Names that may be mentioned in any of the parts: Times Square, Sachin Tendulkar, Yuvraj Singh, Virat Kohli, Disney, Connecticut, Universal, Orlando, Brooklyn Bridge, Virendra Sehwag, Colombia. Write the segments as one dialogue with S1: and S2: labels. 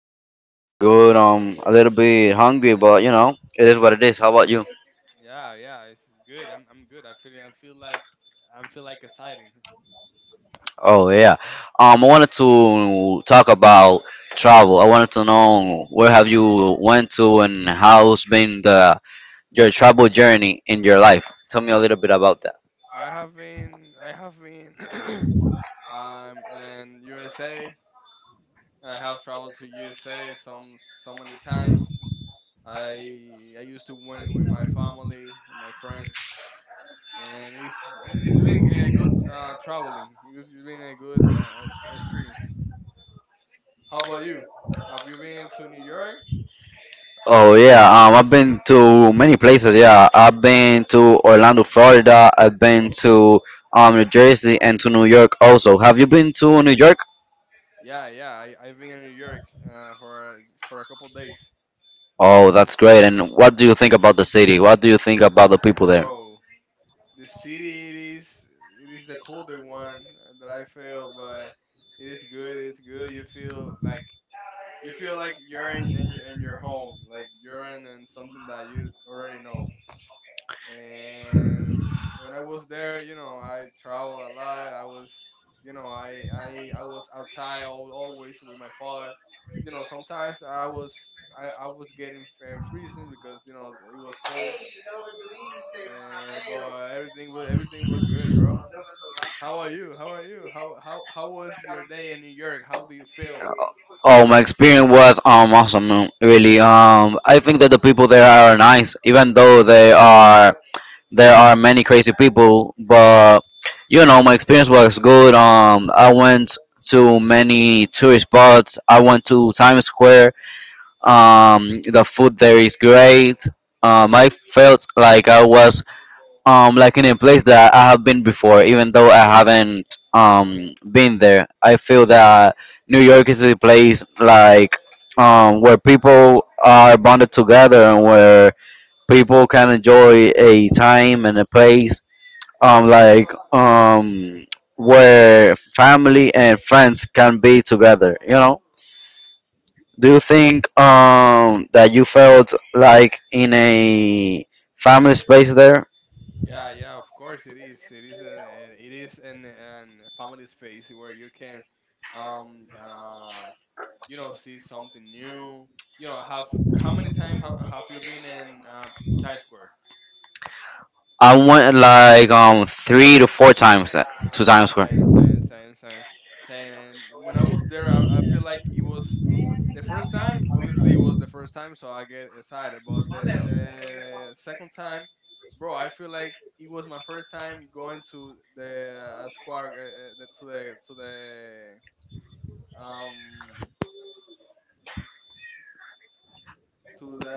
S1: My day's been good. A little bit hungry, but you know, it is what it is. How about you?
S2: Yeah, yeah, it's good. I'm good. I feel like exciting.
S1: Oh yeah. I wanted to talk about travel. I wanted to know where have you went to and how's been the your travel journey in your life. Tell me a little bit about that.
S2: I have been I'm in USA. I have traveled to USA some so many times. I used to win with my family and my friends, and it's been a good traveling. It's been a good experience. How about you? Have you been to New York?
S1: Oh yeah, I've been to many places. Yeah, I've been to Orlando, Florida. I've been to New Jersey and to New York also. Have you been to New York?
S2: Yeah, yeah. I've been in New York for a couple days,
S1: Oh, that's great. And what do you think about the city? What do you think about the people there?
S2: bro. The city, it is the colder one that I feel, but it is good. It's good. You feel like you're in your home, like you're in something that you already know. And when I was there, you know, I traveled a lot. I was, you know, I was outside always with my father. You know, sometimes I was getting freezing because you know it was cold. But everything was good, bro. How are you? How are you? How was your day in New York? How do you feel?
S1: Oh, oh, my experience was awesome, man. Really. I think that the people there are nice, even though they are there are many crazy people, but you know, my experience was good. I went to many tourist spots. I went to Times Square. The food there is great. I felt like I was like in a place that I have been before, even though I haven't been there. I feel that New York is a place like where people are bonded together and where people can enjoy a time and a place um like um where family and friends can be together, you know. Do you think that you felt like in a family space there?
S2: Yeah, yeah, of course it is. It is an family space where you can um uh, you know see something new you know have how many times have you been in times square?
S1: I went like three to four times to
S2: Yeah
S1: Times Square.
S2: Same. And when I was there, I feel like it was the first time. Obviously it was the first time so I get excited, but the second time, bro, I feel like it was my first time going to the square the, to the to the um to the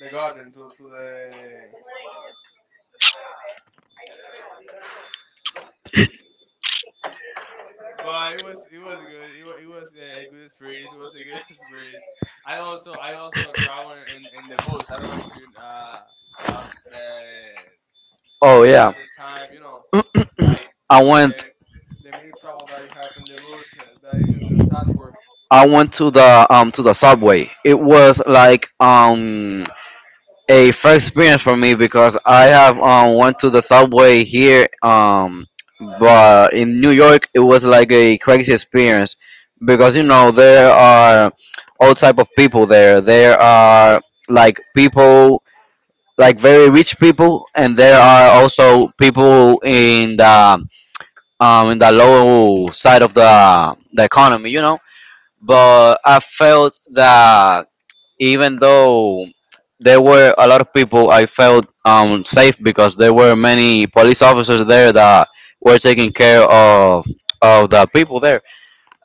S2: the garden to the but it was good. It was a good experience. It was a good experience. I also travel in the bus. I don't know if you have the you
S1: Oh
S2: know
S1: yeah.
S2: had the time you know, like you
S1: i
S2: know
S1: went
S2: the mini travel that you have in the bus that is in Taskwork.
S1: I went to the subway. It was like a first experience for me because I have went to the subway here, but in New York it was like a crazy experience because you know there are all type of people there. There are like people like very rich people, and there are also people in the low side of the economy, you know. But I felt that even though there were a lot of people, I felt safe because there were many police officers there that were taking care of the people there.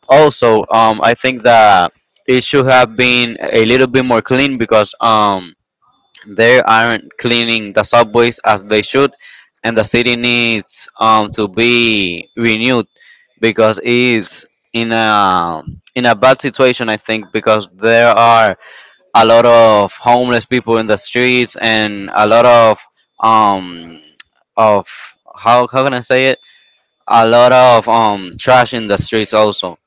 S1: Also, I think that it should have been a little bit more clean because they aren't cleaning the subways as they should, and the city needs to be renewed because it's in a bad situation. I think, because there are a lot of homeless people in the streets and a lot of um of how can I say it? A lot of trash in the streets also.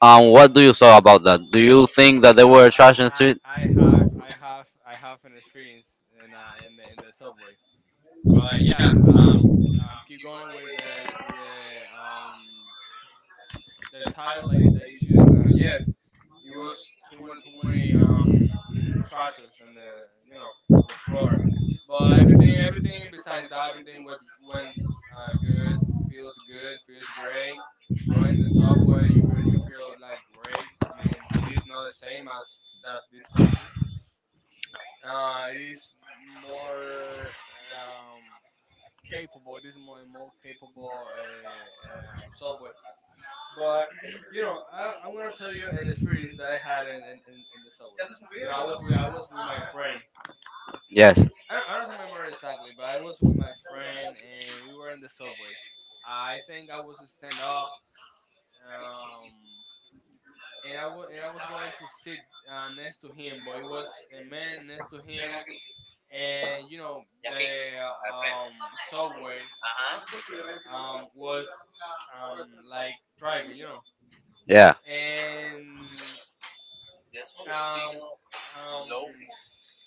S1: What do you saw about that? Do you think that there
S2: Yo,
S1: were trash in the street?
S2: I have an experience in in the subway. But yes, keep going with the title that you choose. Yes, it was too many trashes and the you know the floor. But everything, everything besides that, everything was went good. Feels good. Feels great. Going in the subway, you feel like great. I mean, it is not the same as this country. It is more um, capable. It is more capable subway, but you know, I'm gonna tell you an experience that I had in the summer. You know, I was with my friend.
S1: Yes.
S2: I don't remember exactly, but I was with my friend and we were in the subway. I think I was stand up, um, and I was going to sit next to him, but it was a man next to him, and you know the um subway was um like driving, you know,
S1: Yeah.
S2: and Um, um, s-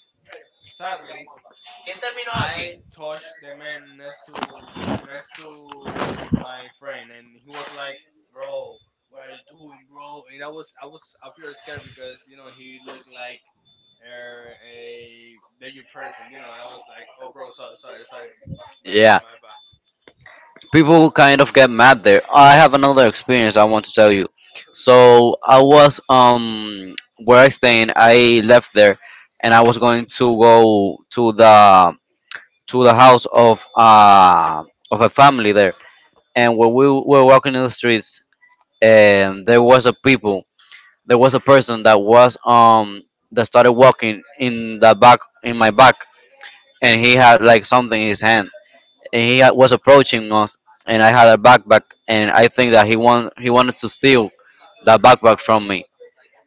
S2: sadly, I touched the man next to my friend, and he was like, "Bro, what are you doing, bro?" And I feel scared because you know he looked like a danger person, you know, and I was like, "Oh, bro, sorry, sorry, sorry, my bad,
S1: Yeah.
S2: my bad."
S1: People kind of get mad there. I have another experience I want to tell you. So I was where I staying. I left there, and I was going to go to the house of a family there. And when we were walking in the streets, and there was a people, there was a person that was that started walking in the back in my back, and he had like something in his hand, and was approaching us, and I had a backpack, and I think that he wanted to steal the backpack from me,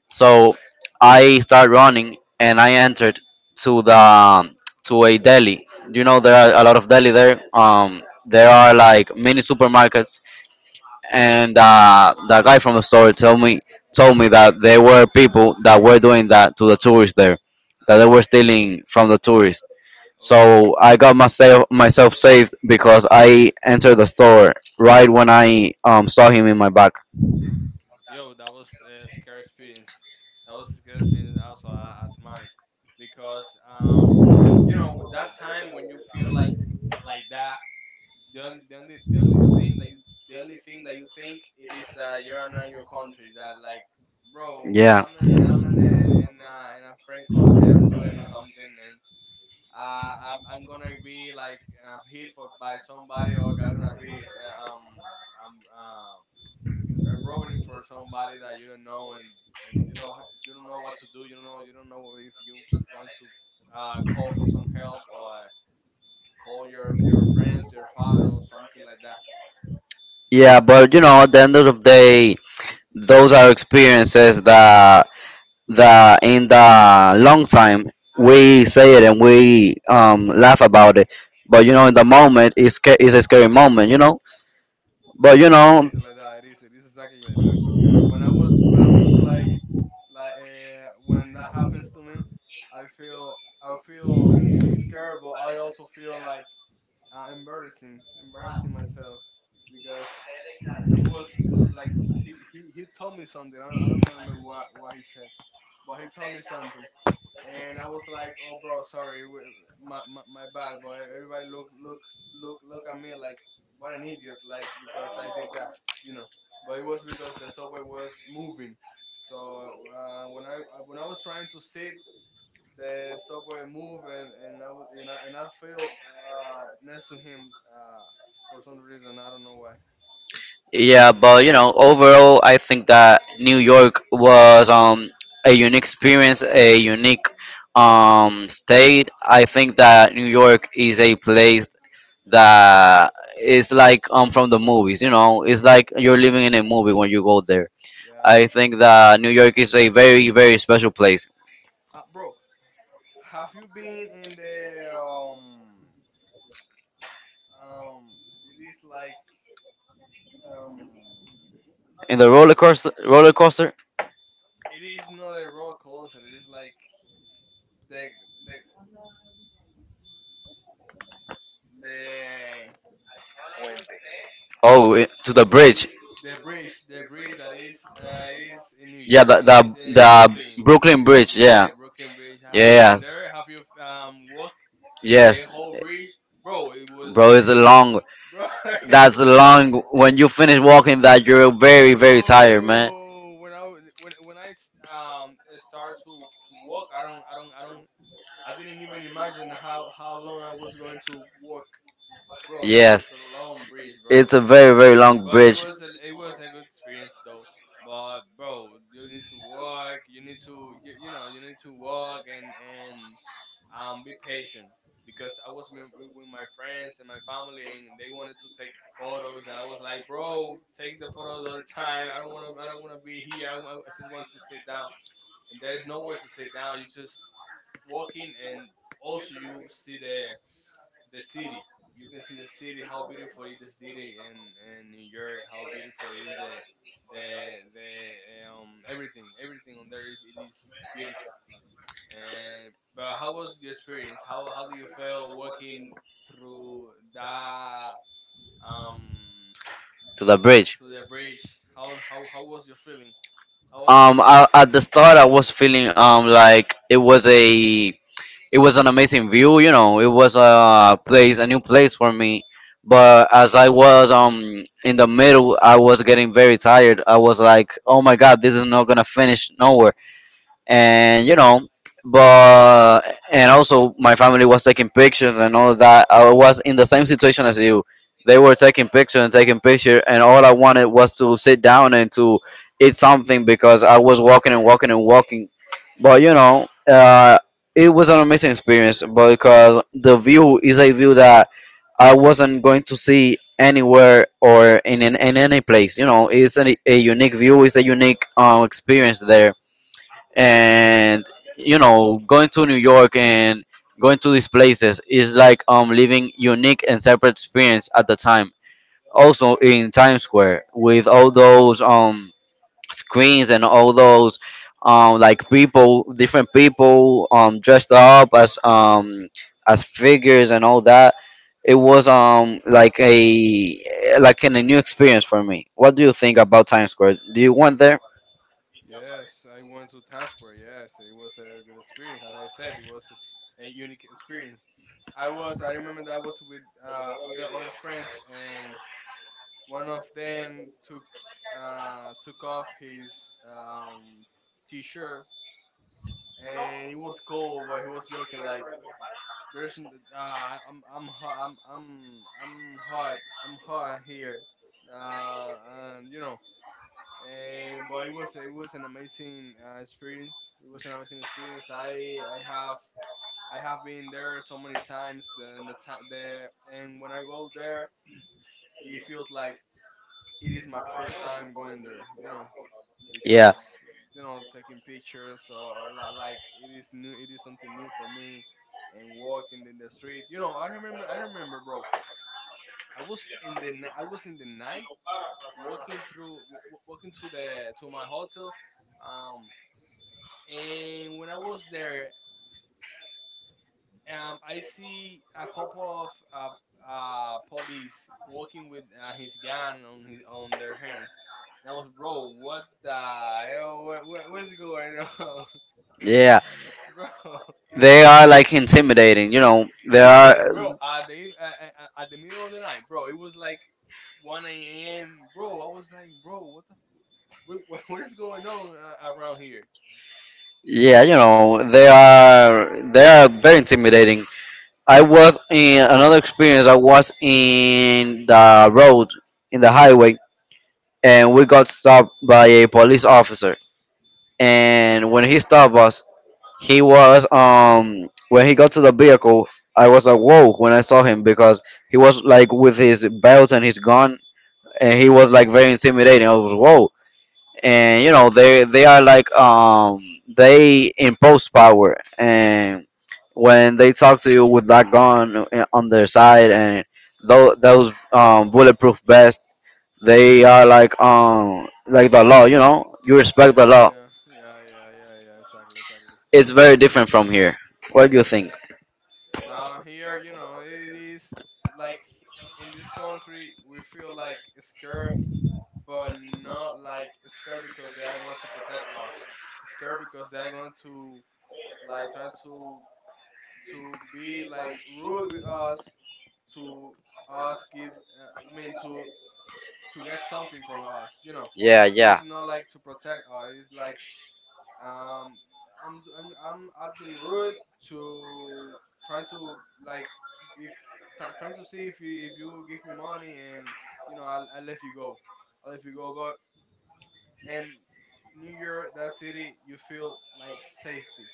S1: so I started running and I entered to the to a deli. You know there are a lot of deli there. There are like mini supermarkets, and the guy from the store told me that there were people that were doing that to the tourists there, that they were stealing from the tourists.
S2: Oh.
S1: So I got myself saved because I entered the store right when I saw him in my back.
S2: Yo, that was a scary experience. That was a scary experience also as mine, because you know that time when you feel like that, the only thing that you the only thing that you think it is that you are not in your country. That like, bro,
S1: Yeah.
S2: I'm in in a friend country. I'm doing something and. I'm gonna be like hit for, by somebody, or I'm gonna be um, um, robbing for somebody that you don't know, and you don't ha- you don't know what to do. You don't know if you going to call for some help or call your friends, your father or something like that.
S1: Yeah, but you know, at the end of the day, those are experiences that in the long time we say it and we laugh about it. But you know, in the moment, it's it's a scary moment, you know. But you
S2: Yeah, it
S1: know,
S2: is like that. It is. It is exactly like that. When I was like when that happens to me, I feel scared, but I also feel like embarrassing myself because it was like he told me something. I don't remember what he said, but he told me something, and I was like, "Oh, bro, sorry, my bad." But everybody look looks look look at me like what an idiot, like because I did that, you know. But it was because the subway was moving. So when I was trying to sit, the subway moved, and I was and I fell next to him for some reason. I don't know why.
S1: yeah, but you know, overall, I think that New York was a unique experience, a unique state. I think that New York is a place that is like from the movies. You know, it's like you're living in a movie when you go there.
S2: Yeah.
S1: I think that New York is a very very special place.
S2: Bro, have you been in the um? It is like um.
S1: In the roller coaster,
S2: It is not a roller coaster. It is like the the the
S1: oh, it, to the bridge.
S2: the bridge, the bridge that is, it is in New
S1: Yeah,
S2: York.
S1: the
S2: It is
S1: the
S2: in Brooklyn.
S1: the Brooklyn Bridge. Yeah,
S2: Yeah, Brooklyn Bridge. Have you been
S1: yes,
S2: there? Have you walked the
S1: yes,
S2: whole bridge, bro? It was
S1: bro.
S2: a,
S1: It's a
S2: it, w-
S1: long.
S2: Bro,
S1: That's
S2: it's a long,
S1: long. When you finish walking, that you're very very tired, man.
S2: bro. When I started to walk, I didn't even imagine how long I was going to walk, bro. That was
S1: Yes.
S2: a long bridge, bro.
S1: It's a very, very long
S2: But
S1: bridge.
S2: it was a good experience though. But bro, you need to work. You know you need to work and be patient because I was with my friends and my family and they wanted to take photos, and I was like, bro, take the photos all the time. I don't want to be here. I just want to sit down. And there is nowhere to sit down. You just walking, and also you see the city. You can see the city, how beautiful is the city, and New York, how beautiful is the everything, everything on there is it is beautiful. And but how was your experience? How do you feel walking through that um
S1: To the bridge.
S2: to the bridge? How was your feeling? How was?
S1: I, at the start, I was feeling like it was a it was an amazing view. You know, it was a place, a new place for me. But as I was in the middle, I was getting very tired. I was like, oh my god, this is not gonna finish nowhere, and you know, but and also my family was taking pictures and all of that. I was in the same situation as you. They were taking picture and taking picture, and all I wanted was to sit down and to eat something because I was walking and walking and walking. But you know, it was an amazing experience because the view is a view that I wasn't going to see anywhere or in any place. You know, it's a unique view. It's a unique experience there. And you know, going to New York and going to these places is like living unique and separate experience at the time. Also in Times Square with all those screens and all those like people, different people dressed up as figures and all that. It was like a like in a new experience for me. What do you think about Times Square? Do you want there?
S2: Yes, I went to Times Square. Yes, it was a good experience. As I said, it was a unique experience. I was. I remember that I was with other friends, and one of them took took off his um, t-shirt, and it was cold, but he was joking like, " I'm hot, I'm hot here," uh, and you know, and but it was an amazing experience. It was an amazing experience. I have been there so many times. And the time the and when I go there, it feels like it is my first time going there. You know
S1: Yeah,
S2: because Yeah. You know taking pictures or like it is new. It is something new for me. And walking in the street, you know, I remember, bro. I was in the, I was in the night walking through, walking to the to my hotel, um and when I was there, I see a couple of police walking with his gun on his on their hands. And I was, bro, what the hell? What what's going on,
S1: yeah.
S2: bro?
S1: They are like intimidating, you know. They
S2: Yes, bro.
S1: are.
S2: At the eve- at the middle of the night, bro. It was like 1 a.m., bro. I was like, bro, what the, what is going on around here?
S1: Yeah, you know, they are very intimidating. I was in another experience. I was in the road, in the highway, and we got stopped by a police officer. And when he stopped us, he was when he got to the vehicle, I was like whoa when I saw him because he was like with his belt and his gun, and he was like very intimidating. I was whoa. And you know they are like they impose power, and when they talk to you with that gun on their side and those bulletproof vests, they are like the law. You know, you respect the
S2: Yeah,
S1: law.
S2: yeah, yeah, yeah, yeah, yeah. Exactly, exactly.
S1: It's very different from here. What do you think?
S2: Now here, you know, it is like in this country we feel like scared, but not like scared because they are going to protect us. Scared because they are going to like trying to be like rude with us, to us give. I mean to get something from us. You know,
S1: Yeah,
S2: it is not like to protect us. It is like um, I'm I've been rude to trying to like if try trying to see if you give me money and you know I let you go, I let you go. But and New York, that city, you feel like safety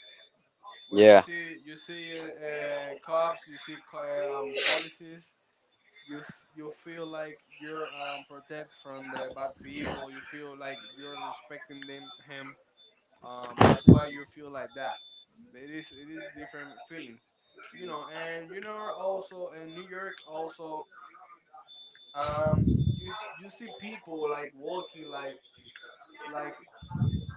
S2: when
S1: yeah,
S2: you see cops, you see policies. You feel like you're protected from the bad people. You feel like you're respecting them him that's why you feel like that. But it is different feelings, you know. And you know, also in New York, also, um you you see people like walking like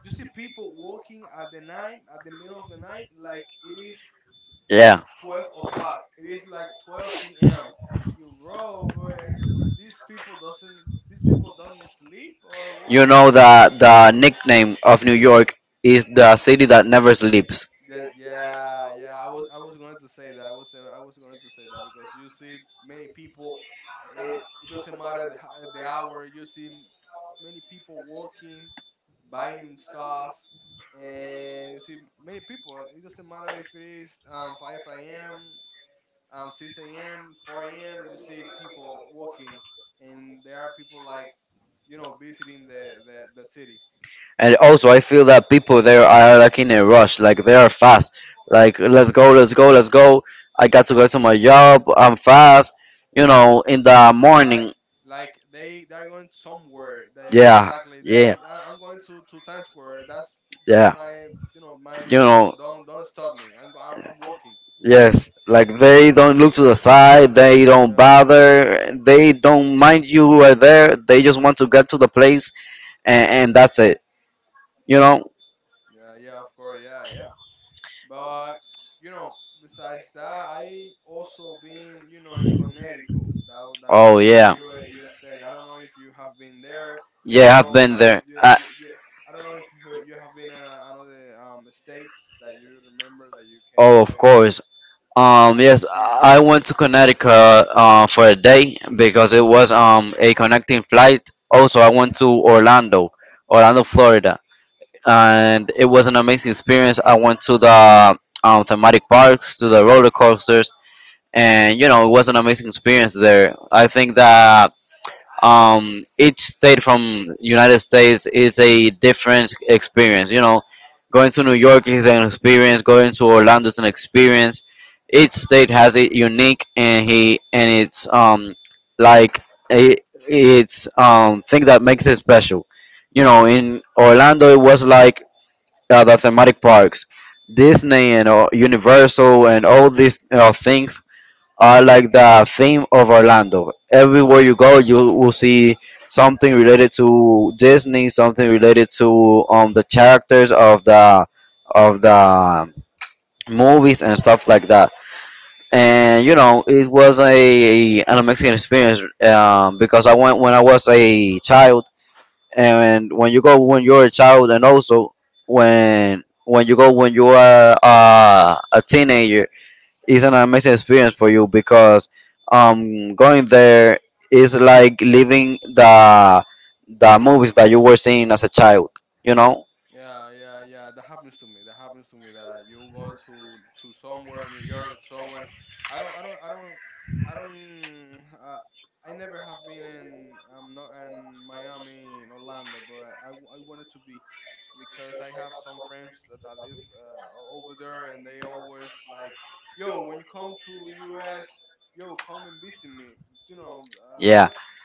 S2: you see people walking at the night, at the middle of the night, like it is
S1: yeah.
S2: 12 o'clock. It is like 12 p.m. You bro, but these people don't sleep or what?
S1: You know that the nickname of New York is the city that never sleeps.
S2: That, yeah, yeah. I was going to say that. I was going to say that, because you see many people, and it doesn't matter the, the hour. You see many people walking, buying stuff, and you see many people. It doesn't matter if it is 5 a.m., 6 a.m., 4 a.m. You see people walking, and there are people like, you know, visiting the city.
S1: And also, I feel that people there are like in a rush, like they are fast. Like, let's go, let's go, let's go. I got to go to my job. I'm fast. You know, in the morning.
S2: Like, they they're going somewhere, they
S1: Yeah.
S2: exactly they
S1: Yeah.
S2: are, I'm going to Times Square. That's
S1: Yeah.
S2: my, you know, my
S1: You know.
S2: direction. Don't stop me. I'm walking.
S1: Yes, like they don't look to the side, they don't
S2: Yeah,
S1: bother, they don't mind you who are there. They just want to get to the place, and that's it. You know?
S2: yeah, yeah, of course, yeah, yeah. But you know, besides that, I also been, you know, in Connecticut. That is
S1: Oh
S2: in the
S1: yeah,
S2: USA. I don't know if you have been there. I don't
S1: yeah, I've
S2: know
S1: been
S2: how
S1: there. I,
S2: you, I don't know if you have been in another states that you remember that you can
S1: oh, of
S2: say,
S1: course.
S2: your
S1: Yes,
S2: experience.
S1: I went to Connecticut for a day because it was a connecting flight. Also, I went to Orlando, Orlando, Florida, and it was an amazing experience. I went to the thematic parks, to the roller coasters, and you know it was an amazing experience there. I think that each state from United States is a different experience. You know, going to New York is an experience. Going to Orlando is an experience. Each state has it unique and he and it's like a it's thing that makes it special. You know, in Orlando, it was like the thematic parks, Disney and Universal and all these things are like the theme of Orlando. Everywhere you go, you will see something related to Disney, something related to the characters of the of the movies and stuff like that. And you know, it was a an amazing experience because I went when I was a child, and when you go when you're a child and also when you go when you are a teenager, it's an amazing experience for you because going there is like living the movies that you were seeing as a child, you know.
S2: Yeah, yeah, yeah. That happens to me. That happens to me. That you go to somewhere in New York, to somewhere. I don't, I don't, I don't, I don't. Uh, I never have been in. I'm not in Miami, in Orlando, but I, I wanted to be, because I have some friends that, that live over there, and they always like, yo, when you come to US, yo, come and visit me. You know,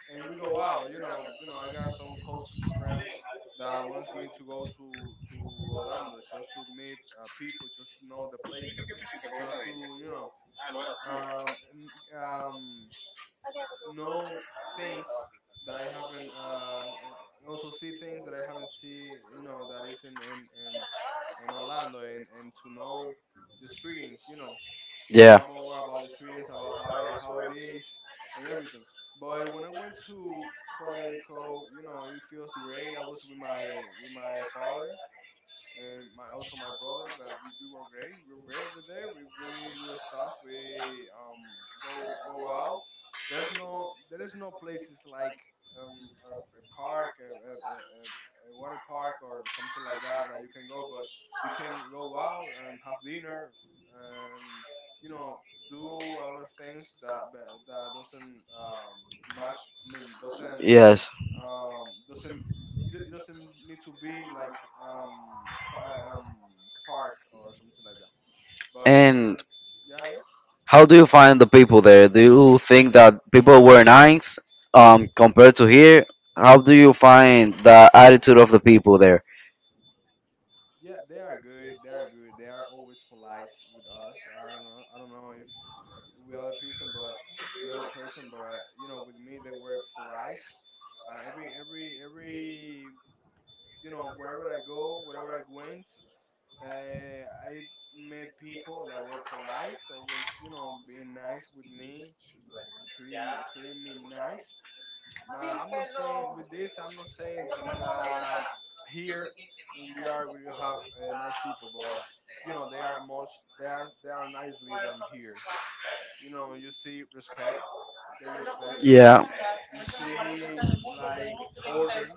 S2: and we go out. You know, you know, I got some closest friends that wants me to go to Orlando, just to meet people, just to know the place, just to you know um n- um know things that I haven't also see things that I haven't see, you know, that is in Orlando, and to know the experience, you know, to know
S1: Yeah.
S2: about more about the experience, about how it is, and everything. But when I went to Connecticut, you know, it feels great. I was with my father, and my also my brother. We were great. We were great over there. We do stuff. We go out. There is no places like a park, a water park or something like that that you can go. But you can go out and have dinner, and you know, do a lot of things that doesn't match. I mean doesn't
S1: Yes.
S2: doesn't, it doesn't need to be like um, pa- um park or something like that. But you
S1: And
S2: can, yeah, yeah,
S1: how do you find the people there? Do you think that people were nice compared to here? How do you find the attitude of the people there?
S2: yeah. They are good. They are good. They are always polite with us. I don't know. I don't know if we other person, but with other person, but you know, with me they were polite. Every, you know, wherever I go, wherever I went, I met people that were polite, always, you know, being nice with me, pretty nice. I'm not saying with this. I'm not saying that here in the art we don't have nice people, but you know they are most they are nicely than here. You know, you see respect. They respect you.
S1: Yeah.
S2: You see like order.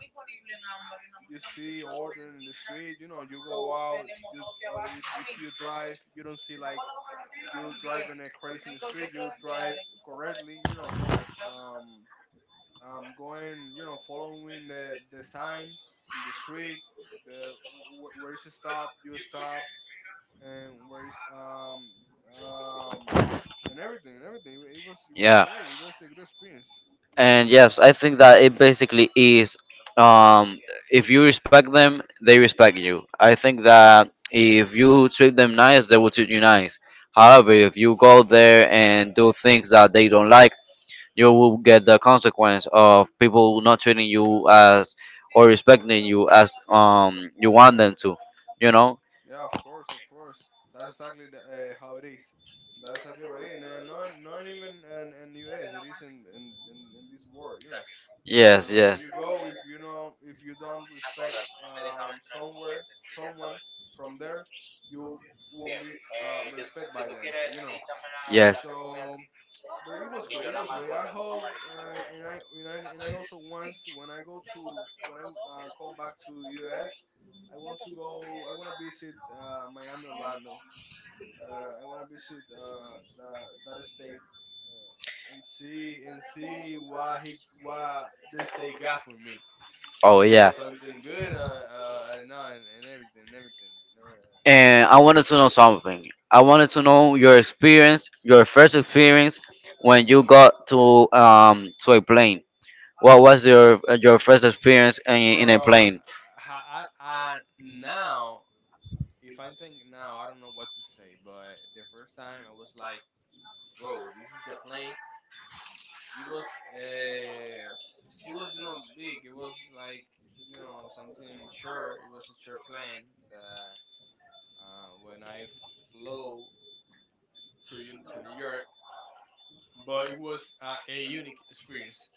S2: You see order in the street. You know you go out. You, or if you drive, you don't see like you driving a crazy in the street. You drive correctly. You know. Um, going, you know, following the sign in the street, the where is the stop, you stop, and where is um and everything. It was
S1: Yeah,
S2: great. It was a good experience.
S1: and yes, I think that it basically is. Um, if you respect them, they respect you. I think that if you treat them nice, they will treat you nice. However, if you go there and do things that they don't like, you will get the consequence of people not treating you as or respecting you as you want them to you know
S2: Yeah, of course, of course. That's exactly the, how it is. That's exactly what it is. And not even in the US. It is in this world, you know.
S1: yes,
S2: Uh, where
S1: yes,
S2: you go, if you know, if you don't respect somewhere, someone from there, you won't be respect by then, you know.
S1: yes.
S2: So, but it was great, it was great, I hope. And I and I and I also, once when I go to, when I come back to US, I want to go, I want to visit Miami, Orlando. Uh, I want to visit that state, and see, and see what he, what the state got for me. If
S1: Oh
S2: he
S1: yeah,
S2: got something good or not, and everything, and everything. No,
S1: and I wanted to know something. I wanted to know your experience, your first experience when you got to a plane. What was your first experience in a
S2: bro,
S1: plane.
S2: I now, if I think now, I don't know what to say. But the first time I was like, bro, this is the plane. It was, uh, it was not big. It was like, you know, something sure. It was a sure plan that when I flew to to New York, but it was a unique experience.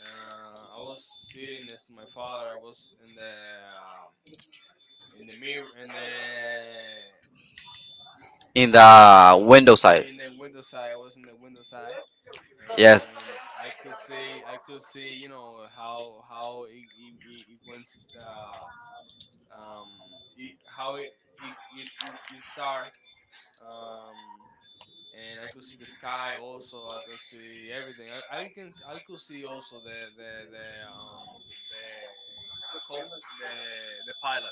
S2: I was sitting next to my father. I was in the um, in the mirror in the,
S1: In the window side.
S2: in the window side. I was in the window side,
S1: Yes.
S2: and I could see, I could see, you know, how it, it went uh, um, it, how it it start, um, and I could see the sky also. I could see everything. I could see also the cop, the pilot,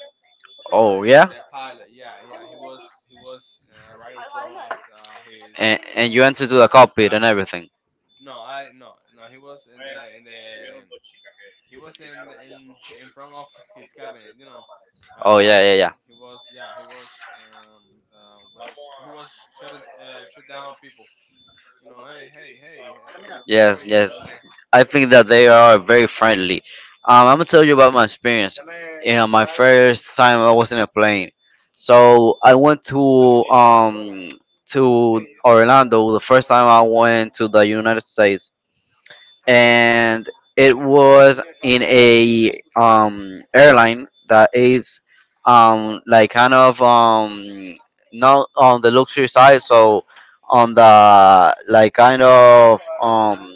S1: Oh yeah.
S2: the pilot. Yeah, yeah. He was right in front of his
S1: And you enter to the cockpit and
S2: cabin.
S1: everything.
S2: No, I no no. He was in the, he was in the, in front of his cabinet. You know,
S1: Oh yeah, yeah,
S2: um,
S1: yeah.
S2: he was yeah he was he was shut shut down people. You know, hey hey hey, how are
S1: Yes,
S2: you?
S1: yes.
S2: And then
S1: I think that they are very friendly. I'm gonna tell you about my experience. You know, my first time I was in a plane. So I went to Orlando the first time I went to the United States, and it was in a airline that is like kind of not on the luxury side, so on the like kind of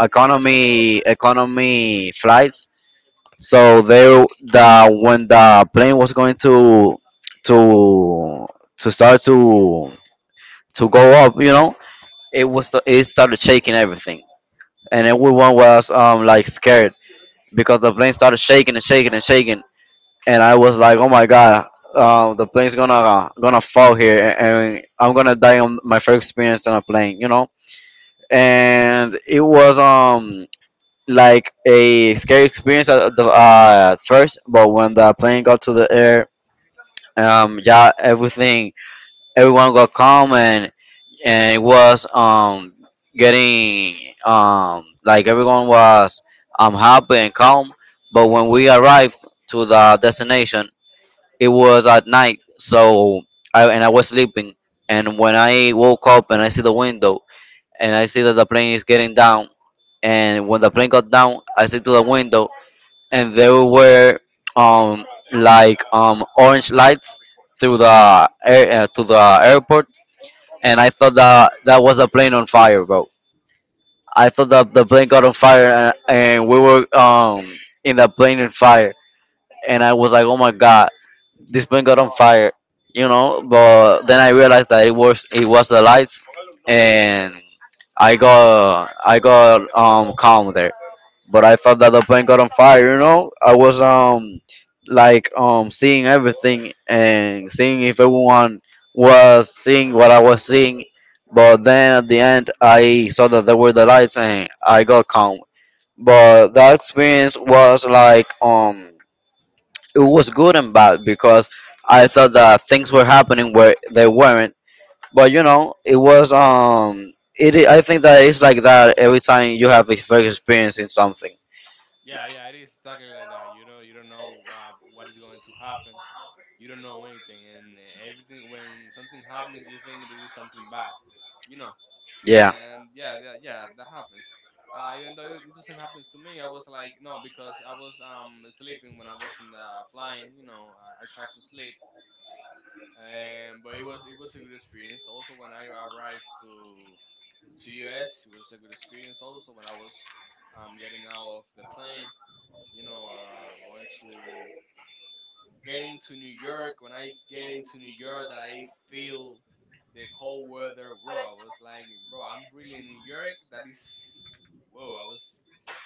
S1: economy flights. So they, the when the plane was going to to to start to go up, you know, it started shaking everything, and everyone was like scared because the plane started shaking and shaking and shaking, and I was like, oh my god, the plane's gonna gonna fall here, and I'm gonna die on my first experience on a plane, you know. And it was like a scary experience at the at first, but when the plane got to the air, yeah, everything everyone got calm, and it was getting like everyone was happy and calm. But when we arrived to the destination, it was at night, so I was sleeping, and when I woke up and I see the window, and I see that the plane is getting down. And when the plane got down, I see to the window, and there were um like orange lights through the air to the airport. And I thought that that was a plane on fire, bro. I thought that the plane got on fire, and we were in the plane in fire, and I was like, oh my god, this plane got on fire, you know. But then I realized that it was the lights, and I got calm there. But I thought that the plane got on fire, you know. I was like seeing everything and seeing if everyone was seeing what I was seeing. But then at the end, I saw that there were the lights, and I got calm. But that experience was like it was good and bad because I thought that things were happening where they weren't. But you know, it was it. I think that it's like that every time you have a first experience in something.
S2: yeah, yeah, it is exactly like that. You know, you don't know what is going to happen. You don't know anything, and everything, when something happens, you think it is something bad. You know.
S1: Yeah.
S2: And yeah, yeah, yeah, that happens. Even though it doesn't happen to me, I was like, no, because I was sleeping when I was in the flying. You know, I tried to sleep, but it was a good experience. Also, when I arrived to US, it was a good experience. Also, when I was getting out of the plane, you know, going to, getting to New York, when I get into New York, that I feel the cold weather, bro. I was like, bro, I'm really in New York. That is, whoa. I was,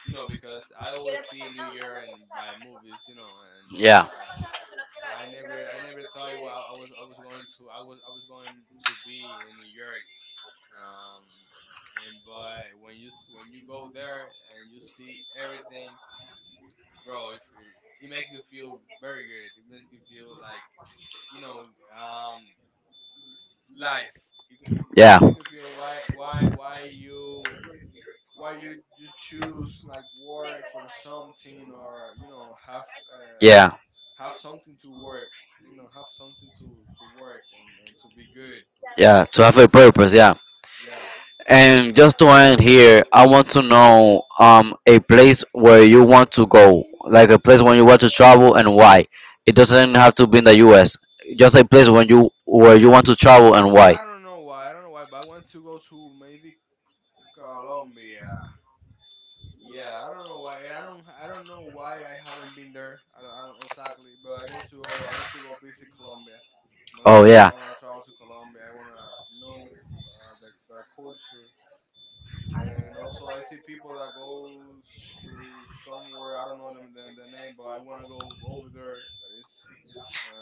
S2: you know, because I always see New York and by movies, you know,
S1: Yeah.
S2: and I never thought, well, I was going to, I was going to be in New York. Um, and but when when you go there and you see everything, bro. If it, it makes you feel very good, it makes you feel like, you know, um, life. Yeah. It
S1: Yeah.
S2: makes you feel why you, why you you choose like work for something, or you know, have uh,
S1: Yeah.
S2: have something to work. You know, have something to work and to be good,
S1: Yeah.
S2: to
S1: To
S2: be
S1: have a
S2: prepared.
S1: purpose. Yeah.
S2: Yeah.
S1: And just to end here, I want to know a place where you want to go, like a place when you want to travel and why. It doesn't have to be in the U.S. Just a place when you where you want to travel and why.
S2: I don't know why. I don't know why, but I want to go to maybe Colombia. Yeah, I don't know why, and I don't know why I haven't been there. I don't exactly, but I want to go. I want to go visit Colombia. I wanna
S1: Oh
S2: visit. I
S1: yeah,
S2: wanna travel to Colombia. I wanna know their culture, and also I see people that go to somewhere. I don't know them the name, but I wanna go over there. That is,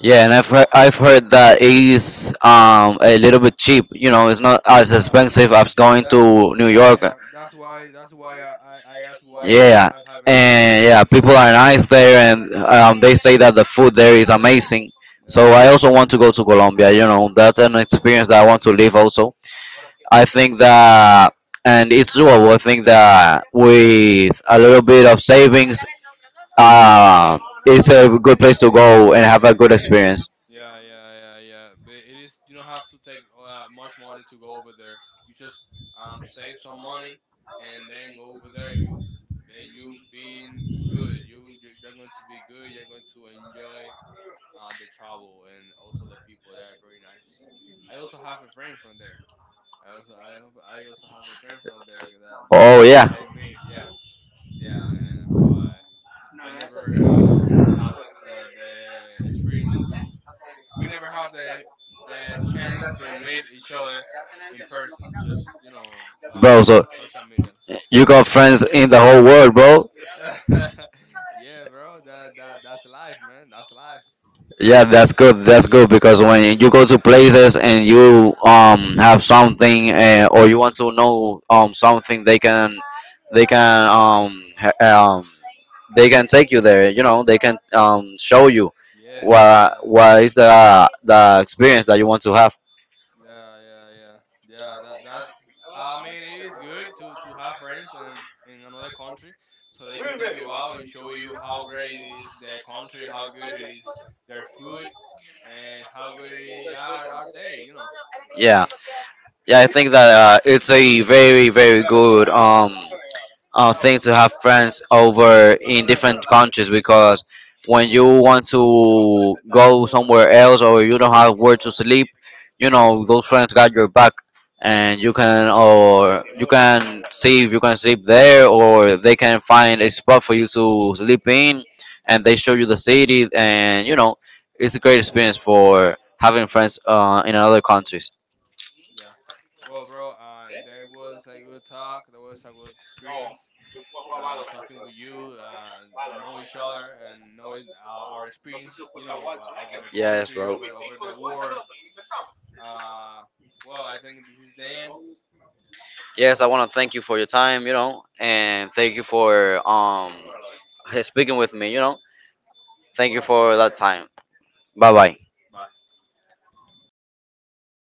S1: yeah, and I've heard that it's a little bit cheap. You know, it's not as
S2: yeah,
S1: expensive
S2: yeah.
S1: as going
S2: That's
S1: to New
S2: yeah,
S1: York.
S2: yeah. That's why. That's why I asked why
S1: Yeah,
S2: I haven't been
S1: and yeah,
S2: in
S1: people
S2: Colombia.
S1: are nice there, and they say that the food there is amazing. So
S2: Yeah.
S1: I also want to go to Colombia. You know, that's an experience that I want to live. Also, I think
S2: Yeah.
S1: that, and it's doable. I think that with a little bit of savings, uh, it's a good place to go and have a
S2: Yeah.
S1: good experience.
S2: Yeah, yeah, yeah, yeah. But it is, you don't have to take much money to go over there. You just save some money and then go over there, and you being good. You're going to be good. You're going to enjoy uh, the travel, and also the people there are very nice. I also have a friend from there. I also have a friend from there that
S1: Oh
S2: that
S1: yeah,
S2: I made. Yeah. Yeah, but I never have the experience to. We never have the chance to meet each other in person, just you know,
S1: bro.
S2: by
S1: So
S2: social media.
S1: you got friends in the whole world, bro.
S2: yeah, bro. That's life, man. That's life.
S1: Yeah, that's good. That's good because when you go to places and you have something or you want to know something, they can they can um ha- um they can take you there. You know, they can show you
S2: Yes,
S1: what
S2: yes,
S1: is the experience that you want to have.
S2: yeah, yeah, yeah. Yeah, that that's, I mean, it is good to have friends and in another country, so they can take you out and show you how great it is their country, how good it is their food, and how good are they? You know.
S1: Yeah, yeah. I think that it's a very, very good thing to have friends over in different countries because when you want to go somewhere else or you don't have where to sleep, you know those friends got your back, and you can, or you can see if you can sleep there, or they can find a spot for you to sleep in, and they show you the city, and you know it's a great experience for having friends in other countries.
S2: Yeah. Well, bro, that was a good talk. That was a good experience. Talking with you, know each other and knowing our experience. You know, over the
S1: Yes,
S2: country,
S1: bro.
S2: over the war. Uh, well, I think this is the end.
S1: Yes, I want to thank you for your time, you know, and thank you for speaking with me, you know. Thank you for that time. Bye bye.
S2: Bye.